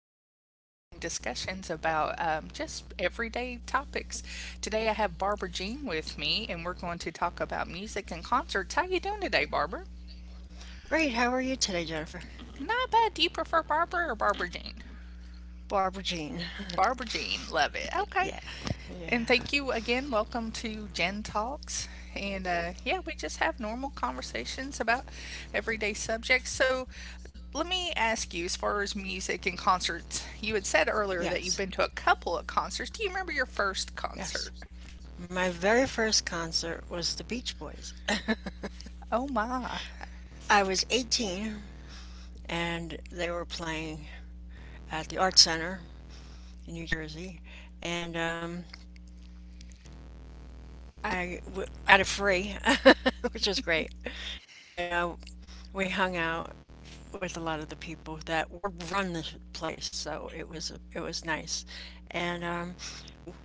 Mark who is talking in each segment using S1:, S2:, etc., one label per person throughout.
S1: we have heartwarming discussions about just everyday topics. Today, I have Barbara Jean with me, and we're going to talk about music and concerts. How you doing today, Barbara?
S2: Great. How are you today, Jennifer?
S1: Not bad. Do you prefer Barbara or Barbara Jean?
S2: Barbara Jean.
S1: Barbara Jean, love it. Okay.
S2: Yeah. Yeah.
S1: And thank you again. Welcome to Gen Talks. And yeah, we just have normal conversations about everyday subjects. So let me ask you, as far as music and concerts, you had said earlier that you've
S2: Yes.
S1: been to a couple of concerts. Do you remember your first
S2: Yes.
S1: concert?
S2: My very first concert was the Beach Boys.
S1: Oh my.
S2: I was 18 and they were playing at the Art Center in New Jersey. And I got it free, which was great. And we hung out with a lot of the people that were run this place. So it was nice, and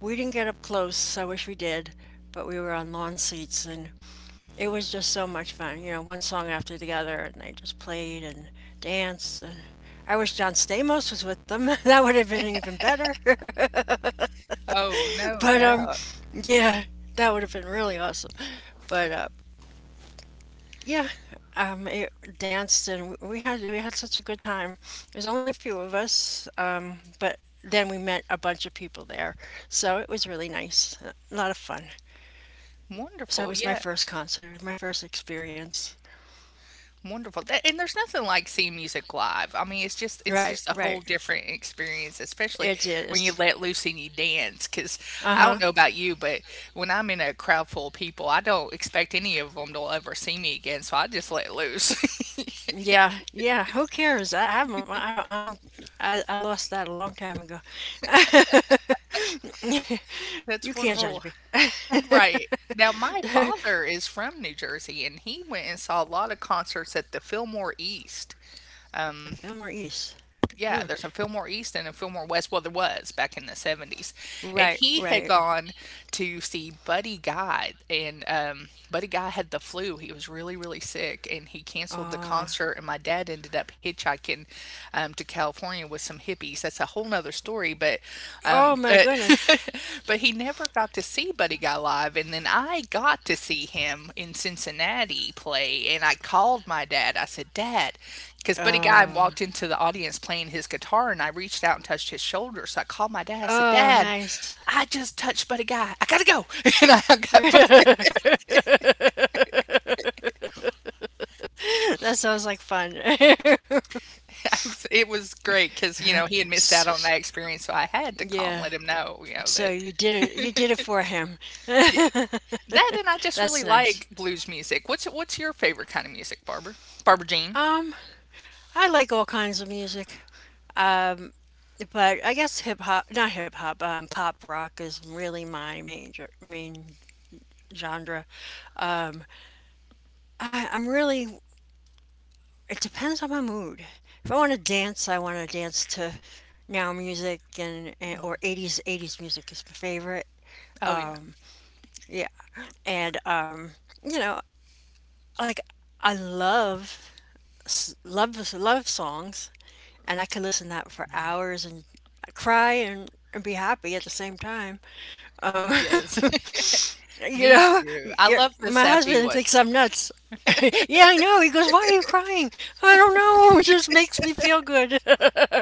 S2: we didn't get up close. So I wish we did, but we were on lawn seats, and it was just so much fun. You know, one song after the other, and they just played and danced. And I wish John Stamos was with them. That would have been even better.
S1: Oh, no
S2: But
S1: doubt.
S2: yeah, that would have been really awesome. But yeah, it danced and we had such a good time. There's only a few of us, but then we met a bunch of people there, so it was really nice, a lot of fun. So it
S1: Wonderful.
S2: was my
S1: Yeah.
S2: first concert, my first experience.
S1: Wonderful. Tha And there's nothing like seeing music live. I mean, it's just it's
S2: Right,
S1: just a
S2: right,
S1: whole different experience, especially
S2: it
S1: when you
S2: is.
S1: let loose and you dance. Because
S2: Uh
S1: I don't
S2: huh.
S1: know about you, but when I'm in a crowd full of people, I don't expect any of them to ever see me again, so I just let loose.
S2: Yeah, yeah. Who cares? I lost that a long time ago. You
S1: That's
S2: can't
S1: wonderful.
S2: judge me.
S1: Right. Now, my
S2: The
S1: father is from New Jersey, and he went and saw a lot of concerts at the Fillmore East.
S2: Fillmore East.
S1: Yeah,
S2: Hmm.
S1: there's a Fillmore East and a Fillmore West. Well, there was back in the 70s.
S2: Right,
S1: And he
S2: right.
S1: had gone to see Buddy Guy, and Buddy Guy had the flu. He was really, really sick, and he canceled the
S2: Oh,
S1: concert. And my dad ended up hitchhiking to California with some hippies. That's a whole nother story, but
S2: oh
S1: um,
S2: my
S1: but
S2: goodness.
S1: But he never got to see Buddy Guy live, and then I got to see him in Cincinnati play, and I called my dad. I said, "Dad," because Buddy Guy
S2: Oh,
S1: walked into the audience playing his guitar, and I reached out and touched his shoulder. So I called my dad. I said,
S2: oh,
S1: "Dad,
S2: nice.
S1: I just touched Buddy Guy. I gotta go." And I got, but
S2: That sounds like fun.
S1: it was great because you know he had missed out on
S2: S-
S1: that experience, so I had to call and
S2: Yeah.
S1: let him know, you know
S2: So
S1: that
S2: you did it. You did it for him.
S1: yeah, that and I just really
S2: That's nice.
S1: like blues music. What's your favorite kind of music, Barbara? Barbara Jean?
S2: Um, I like all kinds of music. Um, but I guess hip hop, not hip hop, pop rock is really my main genre. Um, I, I'm really It depends on my mood. If I want to dance, I want to dance to now music and or 80s music is my favorite.
S1: Oh, yeah.
S2: Yeah, and you know, like I love love songs, and I could listen to that for hours and cry and be happy at the same time. Um,
S1: Yes.
S2: you
S1: Me
S2: know,
S1: too. I
S2: y
S1: love the
S2: my
S1: sappy
S2: husband thinks
S1: ones.
S2: I'm nuts. Yeah, I know. He goes, "Why are you crying?" I don't know. It just makes me feel good.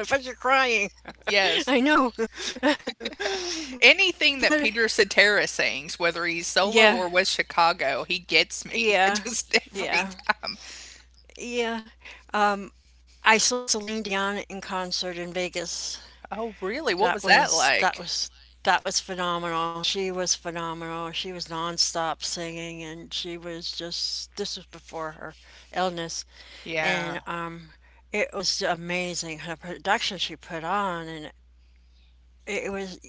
S2: But you're crying.
S1: Yes.
S2: I know.
S1: Anything that
S2: But
S1: Peter Cetera sings, whether he's solo
S2: yeah,
S1: or with Chicago, he gets me.
S2: yeah,
S1: Just every
S2: yeah,
S1: time.
S2: yeah. Um, I saw Celine Dion in concert in Vegas.
S1: "Oh, really? What
S2: That
S1: was that
S2: was that
S1: like?"
S2: was that was phenomenal. She was phenomenal. She was nonstop singing, and she was just this was before her illness, and
S1: Yeah.
S2: it was amazing her production she put on, and it was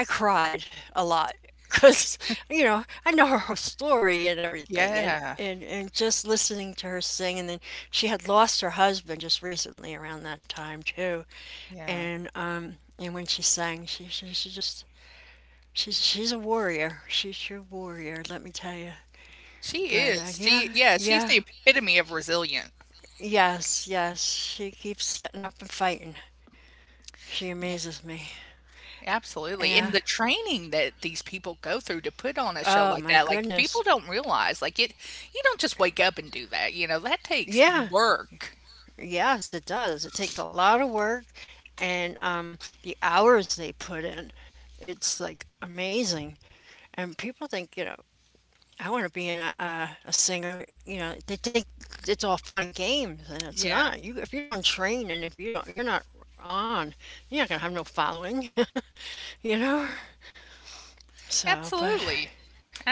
S2: I cried a lot because you know I know her whole story and everything, and
S1: Yeah.
S2: and and just listening to her sing, and then she had lost her husband just recently around that time too,
S1: Yeah.
S2: and when she sang, she's a warrior. She's your warrior, let me tell you.
S1: She
S2: But
S1: is. She,
S2: yeah,
S1: yeah, she's
S2: yeah,
S1: the epitome of resilient.
S2: yes, yes. She keeps getting up and fighting. She
S1: Yeah,
S2: amazes me.
S1: absolutely, and
S2: Yeah.
S1: the training that these people go through to put on a show
S2: Oh
S1: like
S2: my
S1: that, like, people
S2: goodness.
S1: don't realize, like, it you don't just wake up and do that, you know, that takes
S2: Yeah.
S1: work.
S2: Yes, it does. It takes a lot of work, and the hours they put in, it's like amazing. And people think you know I want to be in a singer. You know, they think it's all fun and games, and it's
S1: Yeah.
S2: not. You if you don't train and if you don't, you're not on. You're not gonna have no following. You know. So, but
S1: Absolutely.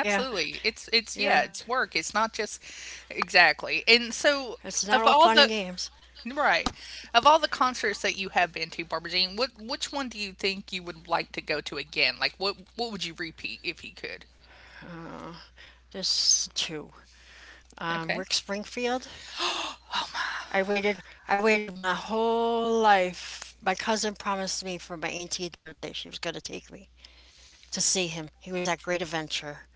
S2: yeah,
S1: It's yeah,
S2: yeah,
S1: it's work. It's not just exactly. And so
S2: it's not all
S1: of
S2: fun
S1: all
S2: and
S1: the
S2: games.
S1: right. Of all the concerts that you have been to, Barbara Jean, what which one do you think you would like to go to again? Like what would you repeat if you could?
S2: There's two.
S1: Okay.
S2: Rick Springfield. I waited. I waited my whole life. My cousin promised me for my 18th birthday she was gonna take me to see him. He was at Great Adventure,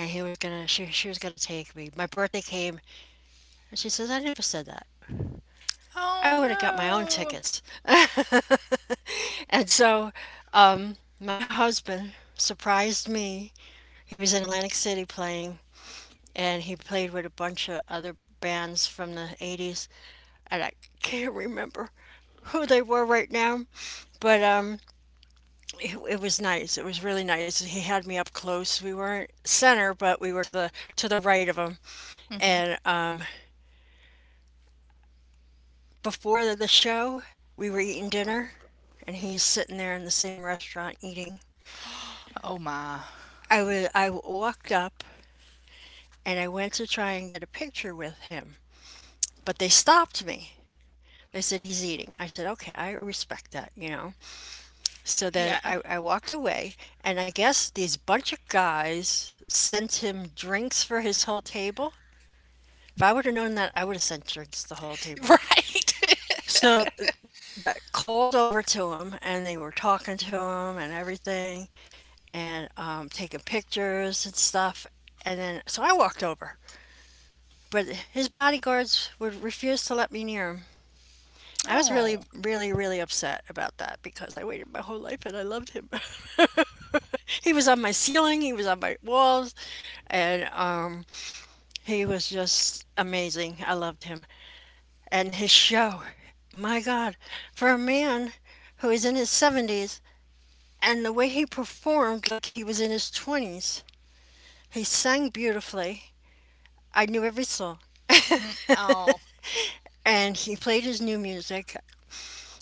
S2: and he was gonna, she was gonna take me. My birthday came, and she says, I never said that.
S1: Oh
S2: I would have got my own
S1: no.
S2: tickets. And so my husband surprised me. He was in Atlantic City playing, and he played with a bunch of other bands from the 80s, and I can't remember who they were right now. But it was nice. It was really nice. He had me up close. We weren't center, but we were to the right of him,
S1: Mhm.
S2: and before the show, we were eating dinner, and he's sitting there in the same restaurant eating.
S1: Oh my.
S2: I walked up and I went to try and get a picture with him, but they stopped me. They said he's eating. I said, okay, I respect that, you know.
S1: Yeah.
S2: So then I walked away, and I guess these bunch of guys sent him drinks for his whole table. If I would have known that, I would have sent drinks to the whole table.
S1: Right.
S2: So they got called over to him, and they were talking to him and everything, and taking pictures and stuff. And then, so I walked over, but his bodyguards would refuse to let me near him. I was
S1: Oh.
S2: really, really, really upset about that because I waited my whole life and I loved him. He was on my ceiling, he was on my walls, and he was just amazing. I loved him. And his show, my God, for a man who is in his 70s and the way he performed like he was in his 20s, he sang beautifully. I knew every song.
S1: Mm, oh.
S2: And he played his new music.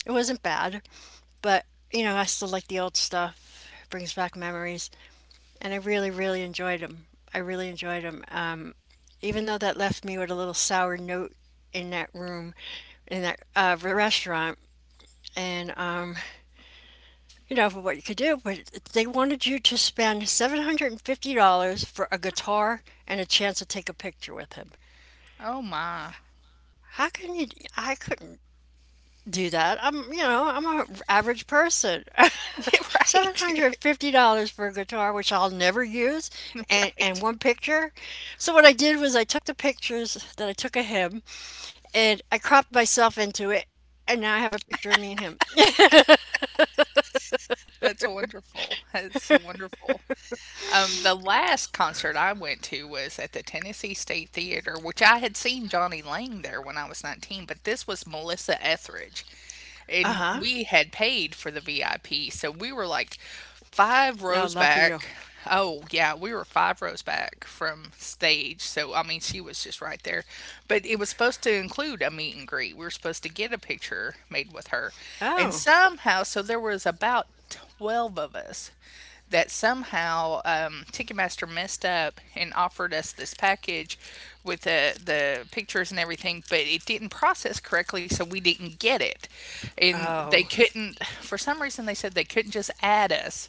S2: It wasn't bad, but you know, I still like the old stuff. It brings back memories, and I really, really enjoyed him. I really enjoyed him. Even though that left me with a little sour note in that room, in that restaurant, and for what you could do, but they wanted you to spend $750 for a guitar and a chance to take a picture with him.
S1: Oh my.
S2: How can you? I couldn't do that. I'm, you know, I'm an average person.
S1: Yeah, right.
S2: $750 for a guitar, which I'll never use, and
S1: Right.
S2: one picture. So, what I did was I took the pictures that I took of him and I cropped myself into it, and now I have a picture of me and him.
S1: That's wonderful. That's wonderful. The last concert I went to was at the Tennessee State Theater, which I had seen Johnny Lang there when I was 19, but this was Melissa Etheridge.
S2: Uh
S1: And
S2: huh.
S1: we had paid for the VIP. So we were like five
S2: Oh,
S1: rows
S2: lucky you.
S1: back. Oh, yeah, we were five rows back from stage. So, I mean, she was just right there. But it was supposed to include a meet and greet. We were supposed to get a picture made with her. And
S2: Oh.
S1: somehow, so there was about 12 of us that somehow Ticketmaster messed up and offered us this package with the pictures and everything, but it didn't process correctly, so we didn't get it. And they
S2: Oh.
S1: couldn't, for some reason, they said they couldn't just add us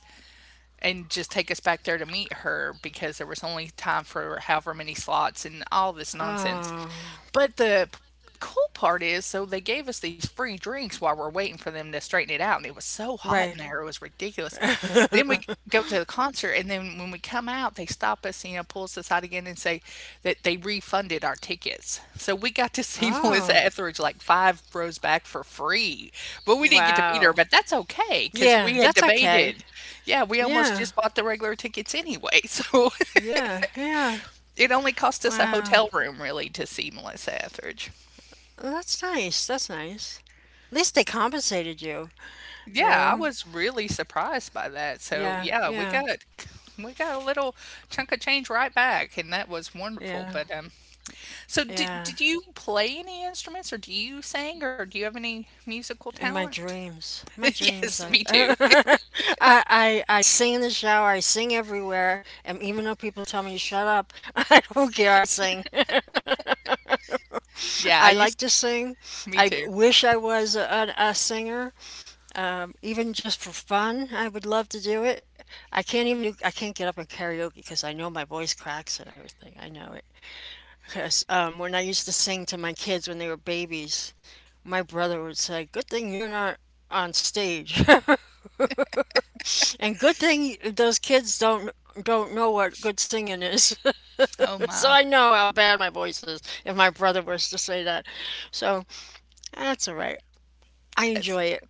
S1: and just take us back there to meet her because there was only time for however many slots and all this nonsense.
S2: Oh.
S1: But cool part is, so they gave us these free drinks while we're waiting for them to straighten it out, and it was so hot in
S2: Right.
S1: there, it was ridiculous. Then we go to the concert, and then when we come out, they stop us, you know, pull us aside again and say that they refunded our tickets. So we got to see Melissa
S2: Oh.
S1: Etheridge like five rows back for free, but we didn't get to meet her.
S2: Wow.
S1: But that's okay because we
S2: Yeah,
S1: had
S2: that's okay.
S1: debated. Yeah, we almost
S2: Yeah.
S1: just bought the regular tickets anyway, so
S2: Yeah. Yeah.
S1: it only cost us a
S2: Wow.
S1: hotel room really to see Melissa Etheridge.
S2: Well, that's nice. That's nice. At least they compensated you, you
S1: Yeah, I
S2: know?
S1: was really surprised by that. So
S2: Yeah,
S1: yeah, we got
S2: yeah,
S1: we got a little chunk of change right back, and that was wonderful.
S2: yeah,
S1: But so did
S2: yeah.
S1: did you play any instruments, or do you sing, or do you have any musical
S2: In
S1: talent?
S2: my dreams,
S1: Yes,
S2: I,
S1: me too.
S2: I sing in the shower. I sing everywhere, and even though people tell me shut up, I don't care. I sing.
S1: Yeah, I
S2: I like
S1: used
S2: to sing.
S1: Me
S2: I
S1: too.
S2: wish I was a singer. Even just for fun, I would love to do it. I can't get up and karaoke because I know my voice cracks and everything. I know it. Because when I used to sing to my kids when they were babies, my brother would say, good thing you're not on stage. And good thing those kids don't know what good singing is.
S1: Oh
S2: So
S1: my,
S2: I know how bad my voice is if my brother was to say that. So that's all right. I
S1: that's
S2: enjoy it.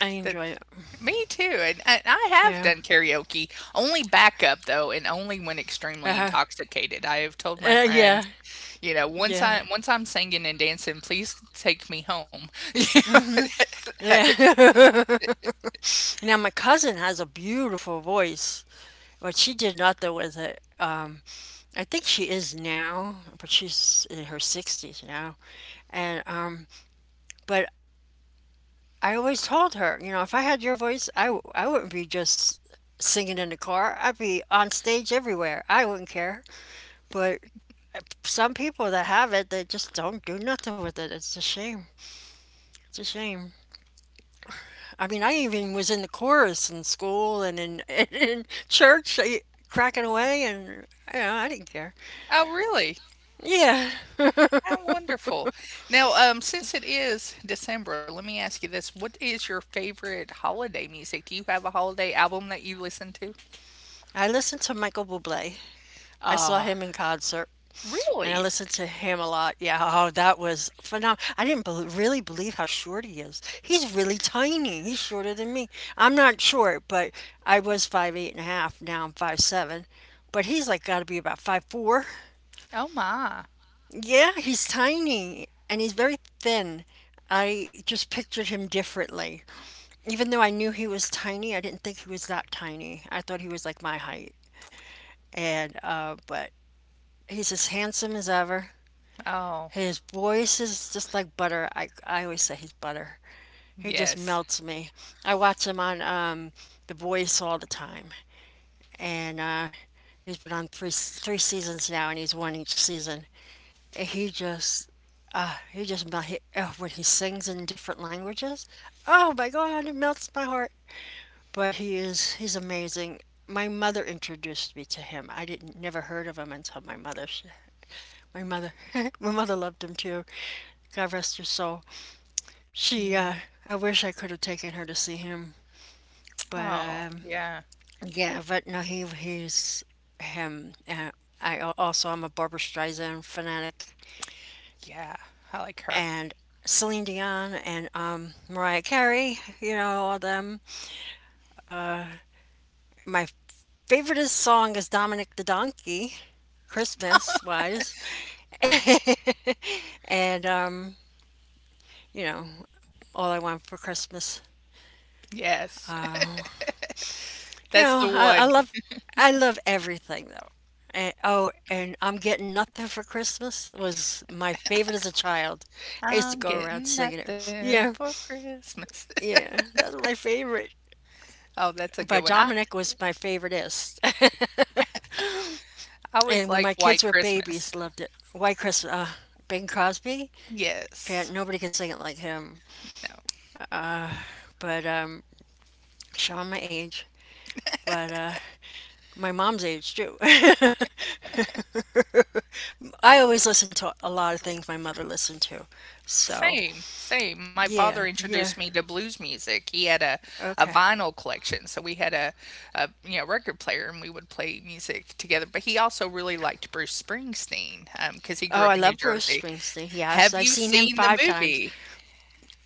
S2: I enjoy
S1: that's
S2: it.
S1: me too. And I have
S2: Yeah.
S1: done karaoke, only backup though, and only when extremely
S2: Uh-huh.
S1: intoxicated. I have told my
S2: Yeah.
S1: friends. You know,
S2: Yeah.
S1: once I'm singing and dancing, please take me home.
S2: Hmm.
S1: You know,
S2: Yeah. Now my cousin has a beautiful voice, but she did nothing with it. I think she is now, but she's in her 60s now. And but I always told her, you know, if I had your voice, I wouldn't be just singing in the car. I'd be on stage everywhere. I wouldn't care. But some people that have it, they just don't do nothing with it. It's a shame. It's a shame. I mean, I even was in the chorus in school and in, and in church, I, cracking away, and you know, I didn't care.
S1: oh, really?
S2: Yeah,
S1: How wonderful. Now, since it is December, let me ask you this. What is your favorite holiday music? Do you have a holiday album that you listen to?
S2: I listened to Michael Bublé. I saw
S1: Ah,
S2: him in concert, and I
S1: really?
S2: listened to him a lot. Yeah, oh, that was phenomenal. I didn't bel really believe how short he is. He's really tiny. He's shorter than me. I'm not short, but I was 5'8" and a half. Now I'm 5'7", but he's like got to be about 5'4".
S1: Oh my.
S2: Yeah, he's tiny and he's very thin. I just pictured him differently. Even though I knew he was tiny, I didn't think he was that tiny. I thought he was like my height. And but he's as handsome as ever.
S1: Oh,
S2: His voice is just like butter. I always say he's butter. He just
S1: yes.
S2: melts me. I watch him on The Voice all the time. And he's been on three seasons now, and he's won each season. He just when he sings in different languages, oh my god, it melts my heart. But he is He's amazing. My mother introduced me to him. I didn't never heard of him until my mother, my mother my mother loved him too. God rest her soul.
S1: Yeah.
S2: She I wish I could have taken her to see him, but
S1: Oh, yeah.
S2: yeah. but no He's him. Also, I'm a Barbara Streisand fanatic.
S1: Yeah. I like her.
S2: And Celine Dion and Mariah Carey, you know, all of them. My favorite song is Dominic the Donkey, Christmas wise. And, you know, All I Want for Christmas.
S1: Yes.
S2: You
S1: That's
S2: know,
S1: the
S2: I, I
S1: one.
S2: love I love everything though. And, oh, and I'm Getting Nothing for Christmas was my favorite as a child. I used to
S1: I'm
S2: go around
S1: getting
S2: singing it.
S1: nothing
S2: Yeah,
S1: for Christmas.
S2: yeah, that's my favorite.
S1: Oh, that's a good
S2: But
S1: one.
S2: Dominic was my favoriteist.
S1: I always
S2: And when my
S1: liked
S2: kids
S1: White
S2: were
S1: Christmas.
S2: babies, loved it. White Christmas, Bing Crosby.
S1: Yes.
S2: Can't, Nobody could sing it like him.
S1: No.
S2: But showing my age, but my mom's age too. I always listen to a lot of things my mother listened to. So
S1: Same, same. My
S2: yeah,
S1: father
S2: yeah,
S1: introduced me to blues music. He had a
S2: okay.
S1: vinyl collection, so we had a you know record player, and we would play music together. But he also really liked Bruce Springsteen because he
S2: Oh,
S1: grew
S2: I
S1: up in
S2: love
S1: New
S2: Bruce
S1: Jersey.
S2: Springsteen. Yes,
S1: Have
S2: I've
S1: you
S2: seen him
S1: seen the
S2: five times.
S1: movie?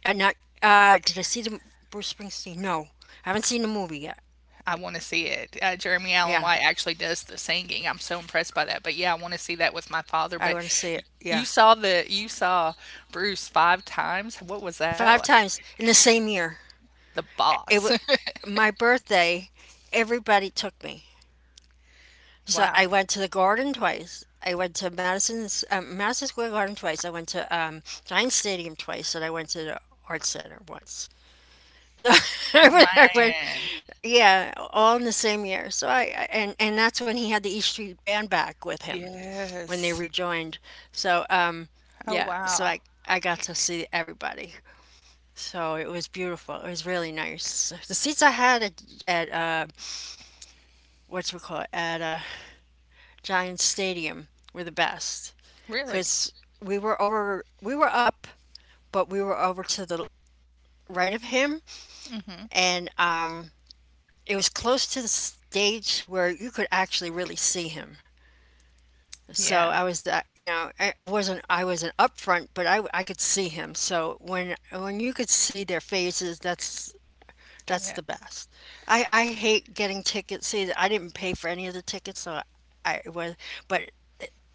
S2: Not did I see the Bruce Springsteen? No, I haven't seen the movie yet.
S1: I wanna see it. Jeremy Allen
S2: Yeah,
S1: White actually does the singing. I'm so impressed by that, but yeah, I wanna see that with my father,
S2: I
S1: but
S2: want to see
S1: y
S2: it.
S1: you
S2: Yeah,
S1: saw the you saw Bruce five times? What was that
S2: five
S1: like?
S2: times in the same year.
S1: The
S2: It
S1: boss.
S2: was my birthday. Everybody took me. So
S1: Wow.
S2: I went to the Garden twice. I went to Madison Square Garden twice. I went to Giant Stadium twice, and I went to the Art Center once. So I went, I went-
S1: Man.
S2: yeah, all in the same year. So and that's when he had the East Street Band back with him when they
S1: Yes.
S2: rejoined. So
S1: Oh,
S2: yeah, so
S1: wow.
S2: I got to see everybody. So it was beautiful. It was really nice. The seats I had at what's we call it at Giants Stadium were the best
S1: Really?
S2: because we were up, but we were over to the right of him,
S1: Mm, mhm.
S2: and it was close to the stage where you could actually really see him. So
S1: Yeah.
S2: I was that you know I- it wasn't I wasn't up front, but I could see him. So when you could see their faces, that's
S1: Yeah.
S2: the best. I hate getting tickets. See, I didn't pay for any of the tickets, so I was, but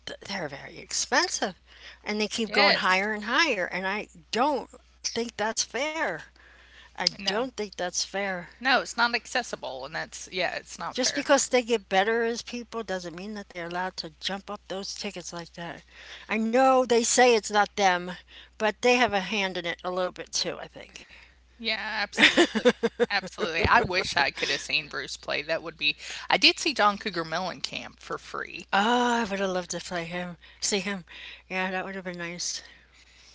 S2: they're very expensive, and they keep going
S1: Yes.
S2: higher and higher, and I don't think that's fair. I
S1: No.
S2: don't think that's fair.
S1: No, it's not accessible, and that's yeah, it's not
S2: Just
S1: fair.
S2: because they get better as people doesn't mean that they're allowed to jump up those tickets like that. I know they say it's not them, but they have a hand in it a little bit too, I think.
S1: Yeah, absolutely. Absolutely. I wish I could have seen Bruce play, that would be I did see John Cougar Mellencamp for free.
S2: Oh, I would have loved to play him, see him. Yeah, that would have been nice.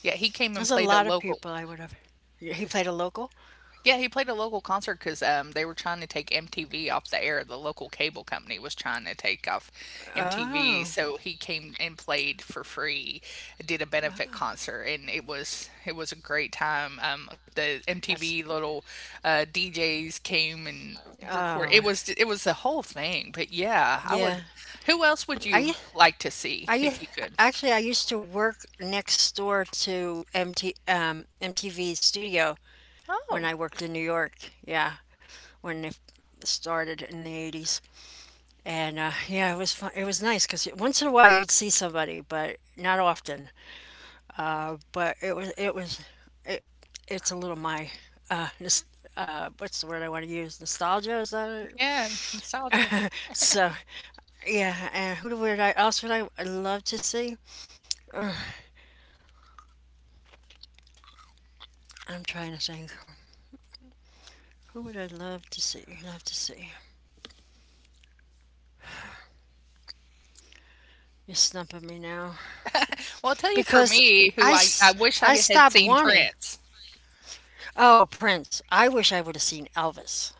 S1: Yeah, he came and
S2: There's a
S1: played a
S2: lot of
S1: local
S2: people I would have. He played a local.
S1: Yeah, he played a local concert because they were trying to take MTV off the air. The local cable company was trying to take off MTV,
S2: Oh,
S1: so he came and played for free, did a benefit concert, and it was a great time. The MTV
S2: that's.
S1: little DJs came and recorded. It
S2: Oh,
S1: was it was the whole thing. But yeah, I would.
S2: yeah.
S1: Who else would you
S2: I
S1: like to see
S2: I
S1: if you could?
S2: actually I used to work next door to MT MTV studio
S1: Oh,
S2: when I worked in New York. Yeah, when it started in the 80s, and yeah, it was fun. It was nice because once in a while you'd see somebody, but not often. But it was it was it, it's a little my uh, nos- what's the word I want to use? Nostalgia, is that.
S1: yeah, nostalgia.
S2: So yeah, and who do- would I else would I I'd love to see? I'm trying to think. Who would I love to see? Love to see. You're stumping me now
S1: Well, I'll tell you for
S2: because
S1: me, who I wish
S2: I
S1: I had
S2: stopped
S1: seen
S2: wanting.
S1: Prince.
S2: Oh, Prince! I wish I would have seen Elvis.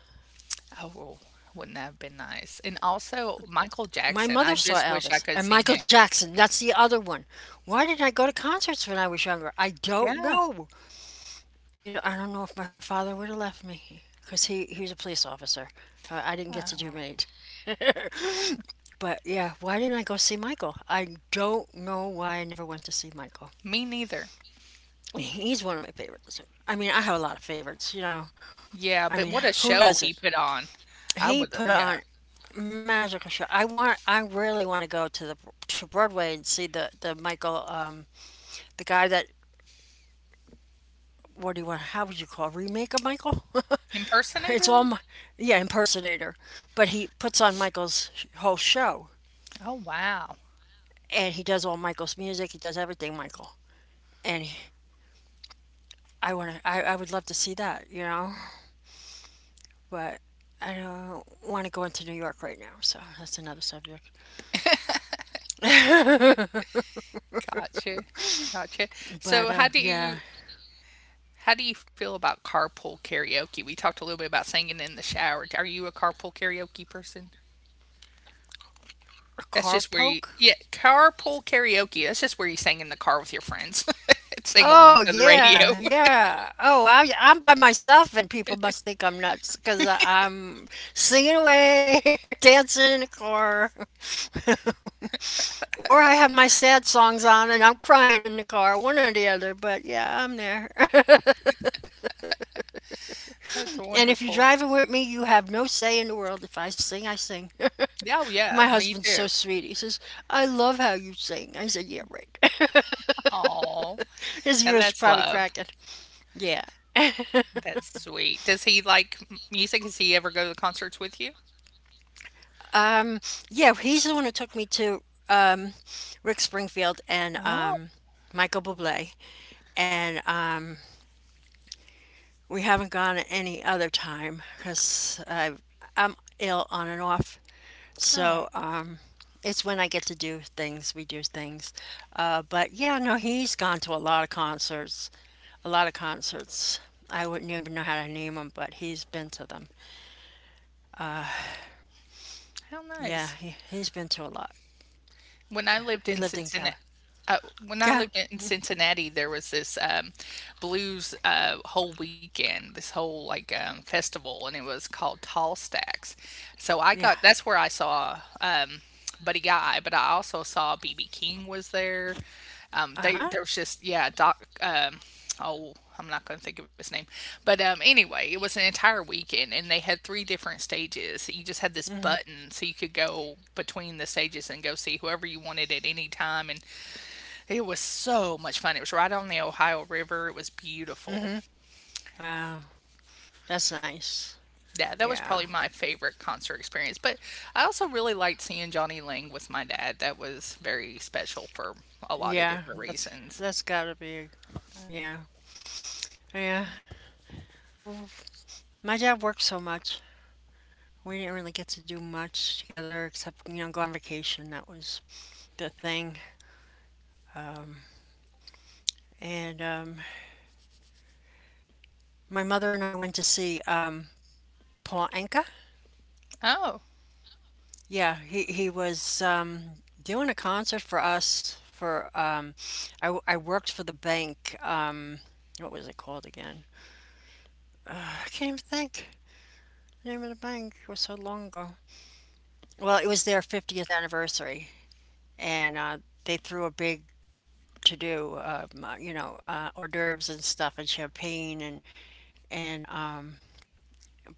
S1: Oh, well, wouldn't that have been nice? And also Michael
S2: My
S1: Jackson, I
S2: mother saw
S1: just wish I
S2: Elvis
S1: could've
S2: and
S1: seen him.
S2: Michael Jackson. That's the other one. Why didn't I go to concerts when I was younger? I don't
S1: Yeah.
S2: know. I don't know if my father would have left me because he was a police officer. I didn't get to do
S1: Oh,
S2: many. But yeah, why didn't I go see Michael? I don't know why I never went to see Michael.
S1: me neither.
S2: He's one of my favorites. I mean, I have a lot of favorites, you know.
S1: Yeah, but
S2: I
S1: what a
S2: mean, who
S1: show he put
S2: doesn't?
S1: on. I would,
S2: He put
S1: yeah.
S2: on magical show. I really want to go to the to Broadway and see the Michael, the guy that, what do you want how would you call it? Remake of Michael? it's
S1: Impersonator?
S2: all Mi- yeah, impersonator. But he puts on Michael's whole show,
S1: Oh, wow.
S2: and he does all Michael's music. He does everything Michael. And I want to. I would love to see that, you know, but I don't want to go into New York right now, so that's another subject.
S1: Gotcha. Gotcha.
S2: But
S1: So how do
S2: yeah,
S1: you how do you feel about carpool karaoke? We talked a little bit about singing in the shower. Are you a carpool karaoke person?
S2: a
S1: That's
S2: car
S1: just where you,
S2: poke.
S1: yeah, carpool karaoke. That's just where you sing in the car with your friends. Sing along
S2: Oh
S1: to the radio.
S2: yeah, yeah. Oh, I'm by myself, and people must think I'm nuts because I'm singing away, dancing in the car, or I have my sad songs on and I'm crying in the car. One or the other, but yeah, I'm there.
S1: That's
S2: And if you're
S1: wonderful.
S2: driving with me, you have no say in the world. If I sing, I sing.
S1: Yeah, oh, yeah,
S2: My
S1: me
S2: husband's so
S1: too.
S2: sweet. He says, I love how you sing. I said, yeah, right.
S1: Oh,
S2: His
S1: now
S2: ears
S1: that's
S2: probably
S1: love.
S2: cracking. Yeah.
S1: That's sweet. Does he like m music? Does he ever go to the concerts with you?
S2: Um, yeah, he's the one who took me to um, Rick Springfield and
S1: Oh,
S2: Michael Bublé. And we haven't gone any other time because I'm ill on and off.
S1: oh,
S2: So it's when I get to do things, we do things. But yeah, no, he's gone to a lot of concerts, a lot of concerts. I wouldn't even know how to name them, but he's been to them.
S1: how
S2: Yeah,
S1: nice.
S2: he's been to a lot.
S1: When I lived
S2: He
S1: in
S2: lived in
S1: Cincinnati,
S2: Cali.
S1: uh, when I
S2: Yeah,
S1: lived in Cincinnati, there was this blues whole weekend, this whole like festival, and it was called Tall Stacks. So I
S2: yeah.
S1: got That's where I saw Buddy Guy, but I also saw BB King was there.
S2: Uh
S1: They
S2: huh.
S1: There was just yeah, Doc. Oh, I'm not going to think of his name. But anyway, it was an entire weekend, and they had 3 different stages. You just had this
S2: Mhm.
S1: button, so you could go between the stages and go see whoever you wanted at any time. And it was so much fun. It was right on the Ohio River. It was beautiful.
S2: Mhm. Wow, that's nice.
S1: Yeah, that was probably
S2: Yeah,
S1: my favorite concert experience. But I also really liked seeing Johnny Lang with my dad. That was very special for a lot of
S2: yeah.
S1: different reasons.
S2: That's gotta be. Yeah, yeah. Well, my dad worked so much. We didn't really get to do much together except, you know, go on vacation. That was the thing. And my mother and I went to see Paul Anka.
S1: Oh,
S2: Yeah, he was doing a concert for us for, I worked for the bank. What was it called again? I can't even think. The name of the bank, it was so long ago. Well, it was their 50th anniversary, and they threw a big to do, you know, hors d'oeuvres and stuff, and champagne, and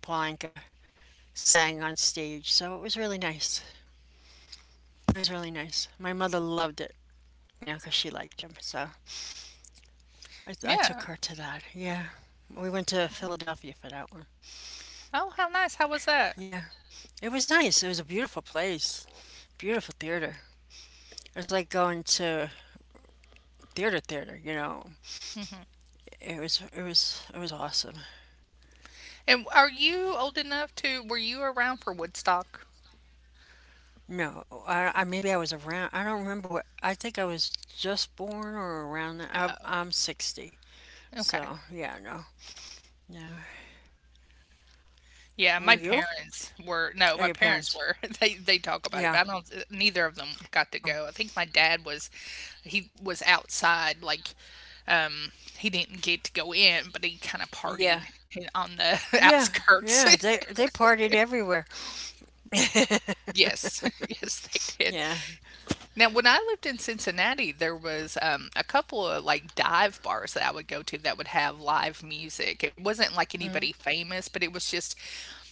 S2: Polanka sang on stage. So it was really nice. It was really nice. My mother loved it, you know, because she liked him. So I
S1: yeah.
S2: took her to that. Yeah, we went to Philadelphia for that one.
S1: Oh, how nice. How was that?
S2: Yeah, it was nice. It was a beautiful place, beautiful theater. It was like going to theater, theater. You know, it was awesome.
S1: And are you old enough to were you around for Woodstock?
S2: No, I maybe I was around. I don't remember what. I think I was just born or around that. I'm 60,
S1: Okay.
S2: so yeah, no, no.
S1: Yeah, my
S2: Were you?
S1: parents were No,
S2: Or
S1: my
S2: your
S1: parents
S2: parents?
S1: were. They talk about
S2: Yeah,
S1: it, but I don't neither of them got to
S2: no,
S1: go. I think my dad was he was outside like um he didn't get to go in, but he kind of
S2: yeah,
S1: partied on the
S2: yeah,
S1: outskirts.
S2: yeah. They partied everywhere.
S1: Yes, yes, they did.
S2: Yeah.
S1: Now, when I lived in Cincinnati, there was a couple of like dive bars that I would go to that would have live music. It wasn't like anybody
S2: Mm-hmm.
S1: famous, but it was just,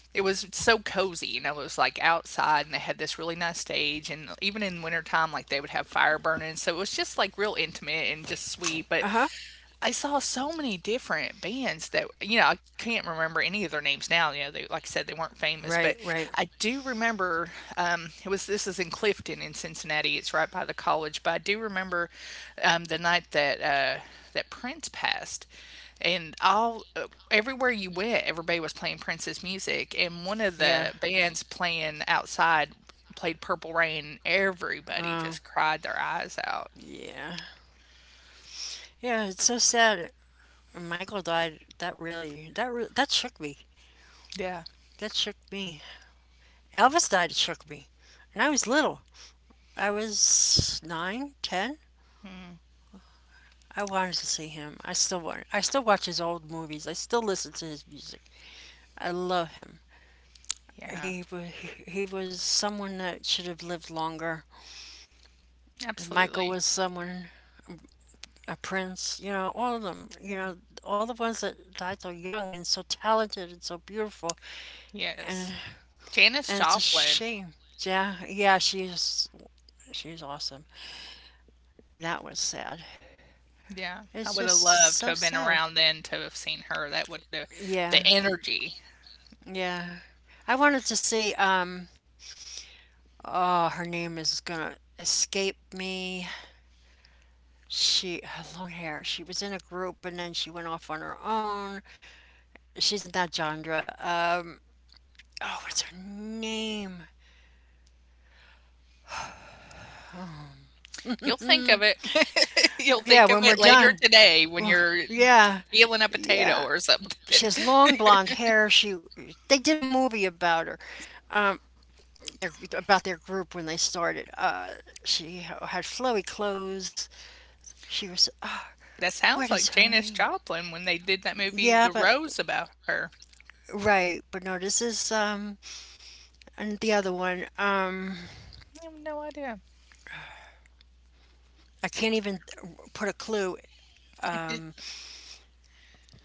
S1: it was so cozy. You know, it was like outside and they had this really nice stage. And even in wintertime, like they would have fire burning. So it was just like real intimate and just sweet. But
S2: Uh-huh.
S1: I saw so many different bands that, you know, I can't remember any of their names now. You know, they, like I said, they weren't famous, but
S2: Right, right.
S1: I do remember it was this is in Clifton in Cincinnati. It's right by the college, but I do remember the night that that Prince passed, and all everywhere you went, everybody was playing Prince's music, and one of the
S2: Yeah.
S1: bands playing outside played Purple Rain. Everybody just
S2: Um,
S1: cried their eyes out.
S2: yeah. Yeah, it's so sad. Michael died. That really, that shook me.
S1: Yeah,
S2: That shook me. Elvis died, it shook me. And I was little. I was nine, ten. I wanted to see him. I still want. I still watch his old movies. I still listen to his music. I love him.
S1: yeah,
S2: He was he was someone that should have lived longer. And Michael
S1: absolutely.
S2: was someone, a prince. You know, all of them.
S1: Yeah.
S2: You know, all the ones that died so young and so talented and so beautiful.
S1: Yes.
S2: And
S1: Janis
S2: and it's a
S1: Joplin.
S2: shame. Yeah, yeah, she's awesome, and that was sad.
S1: Yeah, I
S2: It's
S1: would have
S2: just
S1: loved to
S2: so
S1: have been
S2: sad.
S1: around then to have seen her. That would have the
S2: Yeah,
S1: energy.
S2: yeah. I wanted to see, oh, her name is gonna escape me. She, her long hair. She was in a group and then she went off on her own. She's in that genre. Oh, what's her name?
S1: You'll think of it. You'll
S2: Yeah,
S1: think of
S2: when we're
S1: it later
S2: done.
S1: today when you're
S2: Yeah,
S1: peeling a potato
S2: yeah.
S1: or something.
S2: She has long blonde hair. They did a movie about her, um, their, about their group when they started. She had flowy clothes. She was, oh,
S1: That
S2: what
S1: sounds
S2: is
S1: like
S2: her
S1: Janis
S2: name?
S1: Joplin when they did that movie,
S2: Yeah,
S1: The
S2: but
S1: Rose, about her.
S2: right, but no, this is and the other one. Um,
S1: I have no idea.
S2: I can't even put a clue.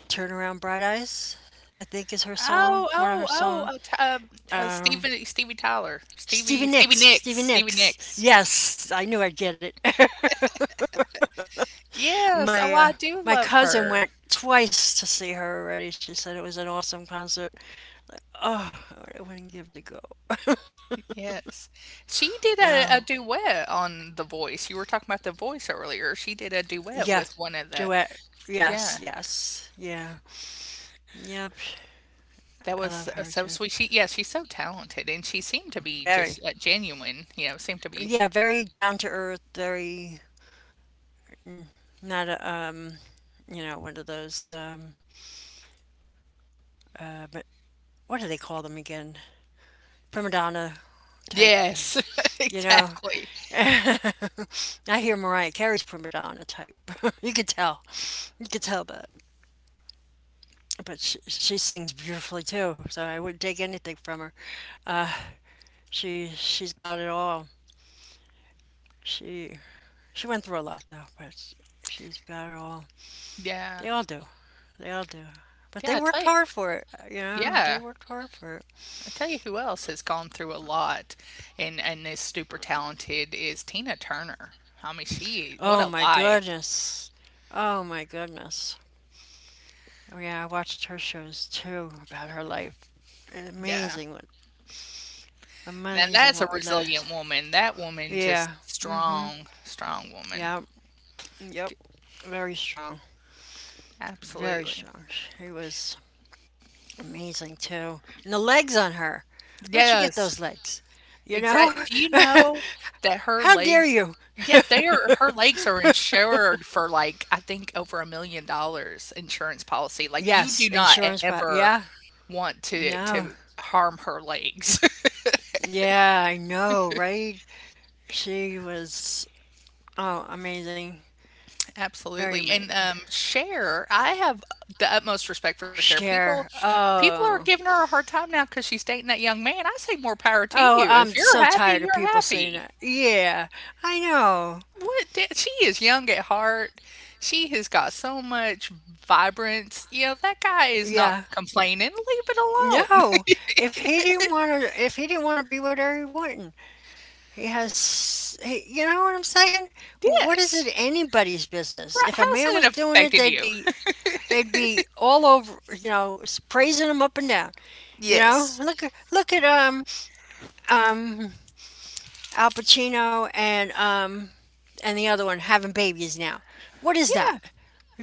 S2: Turn around bright eyes, I think is her song,
S1: Oh,
S2: one of her
S1: oh, oh,
S2: song.
S1: oh, t-
S2: Um,
S1: Stevie, Stevie Tyler,
S2: Stevie
S1: Stevie, Stevie
S2: Nicks,
S1: Nicks,
S2: Stevie
S1: Stevie
S2: Nicks.
S1: Nicks.
S2: Yes, I knew I'd get it.
S1: Yes,
S2: my
S1: oh,
S2: uh
S1: I do
S2: my
S1: love
S2: cousin
S1: her.
S2: went twice to see her already. She said it was an awesome concert. Oh, I wouldn't give it a go.
S1: Yes. She did a,
S2: Yeah.
S1: a duet on The Voice. You were talking about The Voice earlier. She did a duet
S2: Yeah.
S1: with one of the,
S2: Duet. Yes,
S1: yeah,
S2: yes. Yeah. Yep.
S1: that
S2: I
S1: was
S2: love her
S1: so
S2: too.
S1: sweet. She, yeah, she's so talented and she seemed to be
S2: Very.
S1: just genuine, you know, seemed to be,
S2: Yeah, very down to earth, very not a you know, one of those but what do they call them again? Prima donna type,
S1: yes,
S2: you know.
S1: exactly.
S2: I hear Mariah Carey's prima donna type. You could tell. You could tell that. But she sings beautifully too, so I wouldn't take anything from her. Uh, she's got it all. She she went through a lot though, but she's got it all.
S1: Yeah.
S2: They all do. They all do. But
S1: Yeah,
S2: they
S1: I tell
S2: worked
S1: you,
S2: hard for it, you know.
S1: yeah.
S2: They worked hard for it.
S1: I tell you who else has gone through a lot and is super talented is Tina Turner. I mean, she, what
S2: Oh
S1: a
S2: my
S1: life.
S2: goodness. Oh my goodness. Oh yeah, I watched her shows too about her life.
S1: Yeah.
S2: Amazing what
S1: Now
S2: amazing
S1: that's a
S2: what we let her.
S1: resilient woman. That woman
S2: Yeah.
S1: just strong, strong woman.
S2: Yeah. Yep, yep. Very strong. Very
S1: Absolutely.
S2: strong. She was amazing too. And the legs on her. Where'd she get
S1: Yes,
S2: those legs? You know?
S1: exactly. Do you know that her
S2: How dare
S1: legs
S2: you?
S1: yeah, they are her legs are insured for like I think over $1 million insurance policy. Like you
S2: Yes,
S1: do not
S2: insurance po
S1: ever
S2: yeah,
S1: want to
S2: no.
S1: harm her legs.
S2: Yeah, I know, right? She was oh, amazing. Very
S1: Absolutely, and,
S2: amazing.
S1: Cher, I have the utmost respect for Cher.
S2: Cher.
S1: People are
S2: Oh.
S1: giving her a hard time now because she's dating that young man. I say more power to
S2: Oh,
S1: you. If
S2: I'm
S1: you're
S2: so
S1: happy,
S2: tired of
S1: you're
S2: people saying
S1: happy.
S2: that. Yeah, I know.
S1: What d She is young at heart. She has got so much vibrance. You know, that guy is not
S2: Yeah.
S1: complaining. Leave it alone.
S2: No. If he didn't want to be with her, he wouldn't. You know what I'm saying? What is
S1: Yes.
S2: it anybody's business?
S1: Right,
S2: If a
S1: how's
S2: man was
S1: it
S2: doing it,
S1: affected you?
S2: they'd be all over, you know, praising him up and down. You know,
S1: Yes.
S2: look at um Al Pacino and the other one having babies now. What is
S1: Yeah,
S2: that?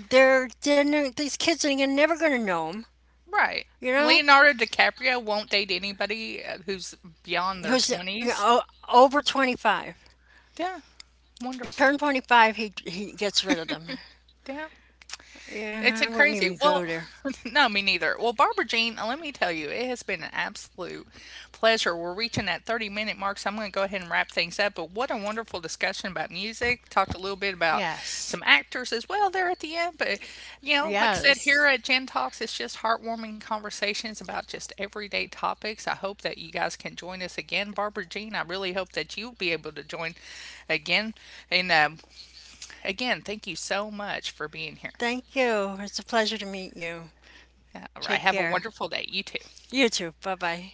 S2: They're, these kids are never going to know him.
S1: right.
S2: You know,
S1: Leonardo DiCaprio won't date anybody, who's beyond their
S2: who's you
S1: 20s.
S2: know, over 25.
S1: Yeah.
S2: If you
S1: Wonderful.
S2: turn 25, he gets rid of them.
S1: Yeah. It's
S2: Yeah,
S1: a
S2: I wouldn't
S1: crazy
S2: even go
S1: well,
S2: there.
S1: no, me neither. Well, Barbara Jean, let me tell you, it has been an absolute pleasure. We're reaching that 30-minute mark, so I'm going to go ahead and wrap things up. But what a wonderful discussion about music. Talked a little bit about
S2: Yes,
S1: some actors as well there at the end. But, you know, like I said, here
S2: yes.
S1: at Gen Talks, it's just heartwarming conversations about just everyday topics. I hope that you guys can join us again. Barbara Jean, I really hope that you'll be able to join again. And again, thank you so much for being here.
S2: Thank you. It's a pleasure to meet you.
S1: I
S2: Take
S1: have a
S2: care.
S1: wonderful day. You too.
S2: You too. Bye bye.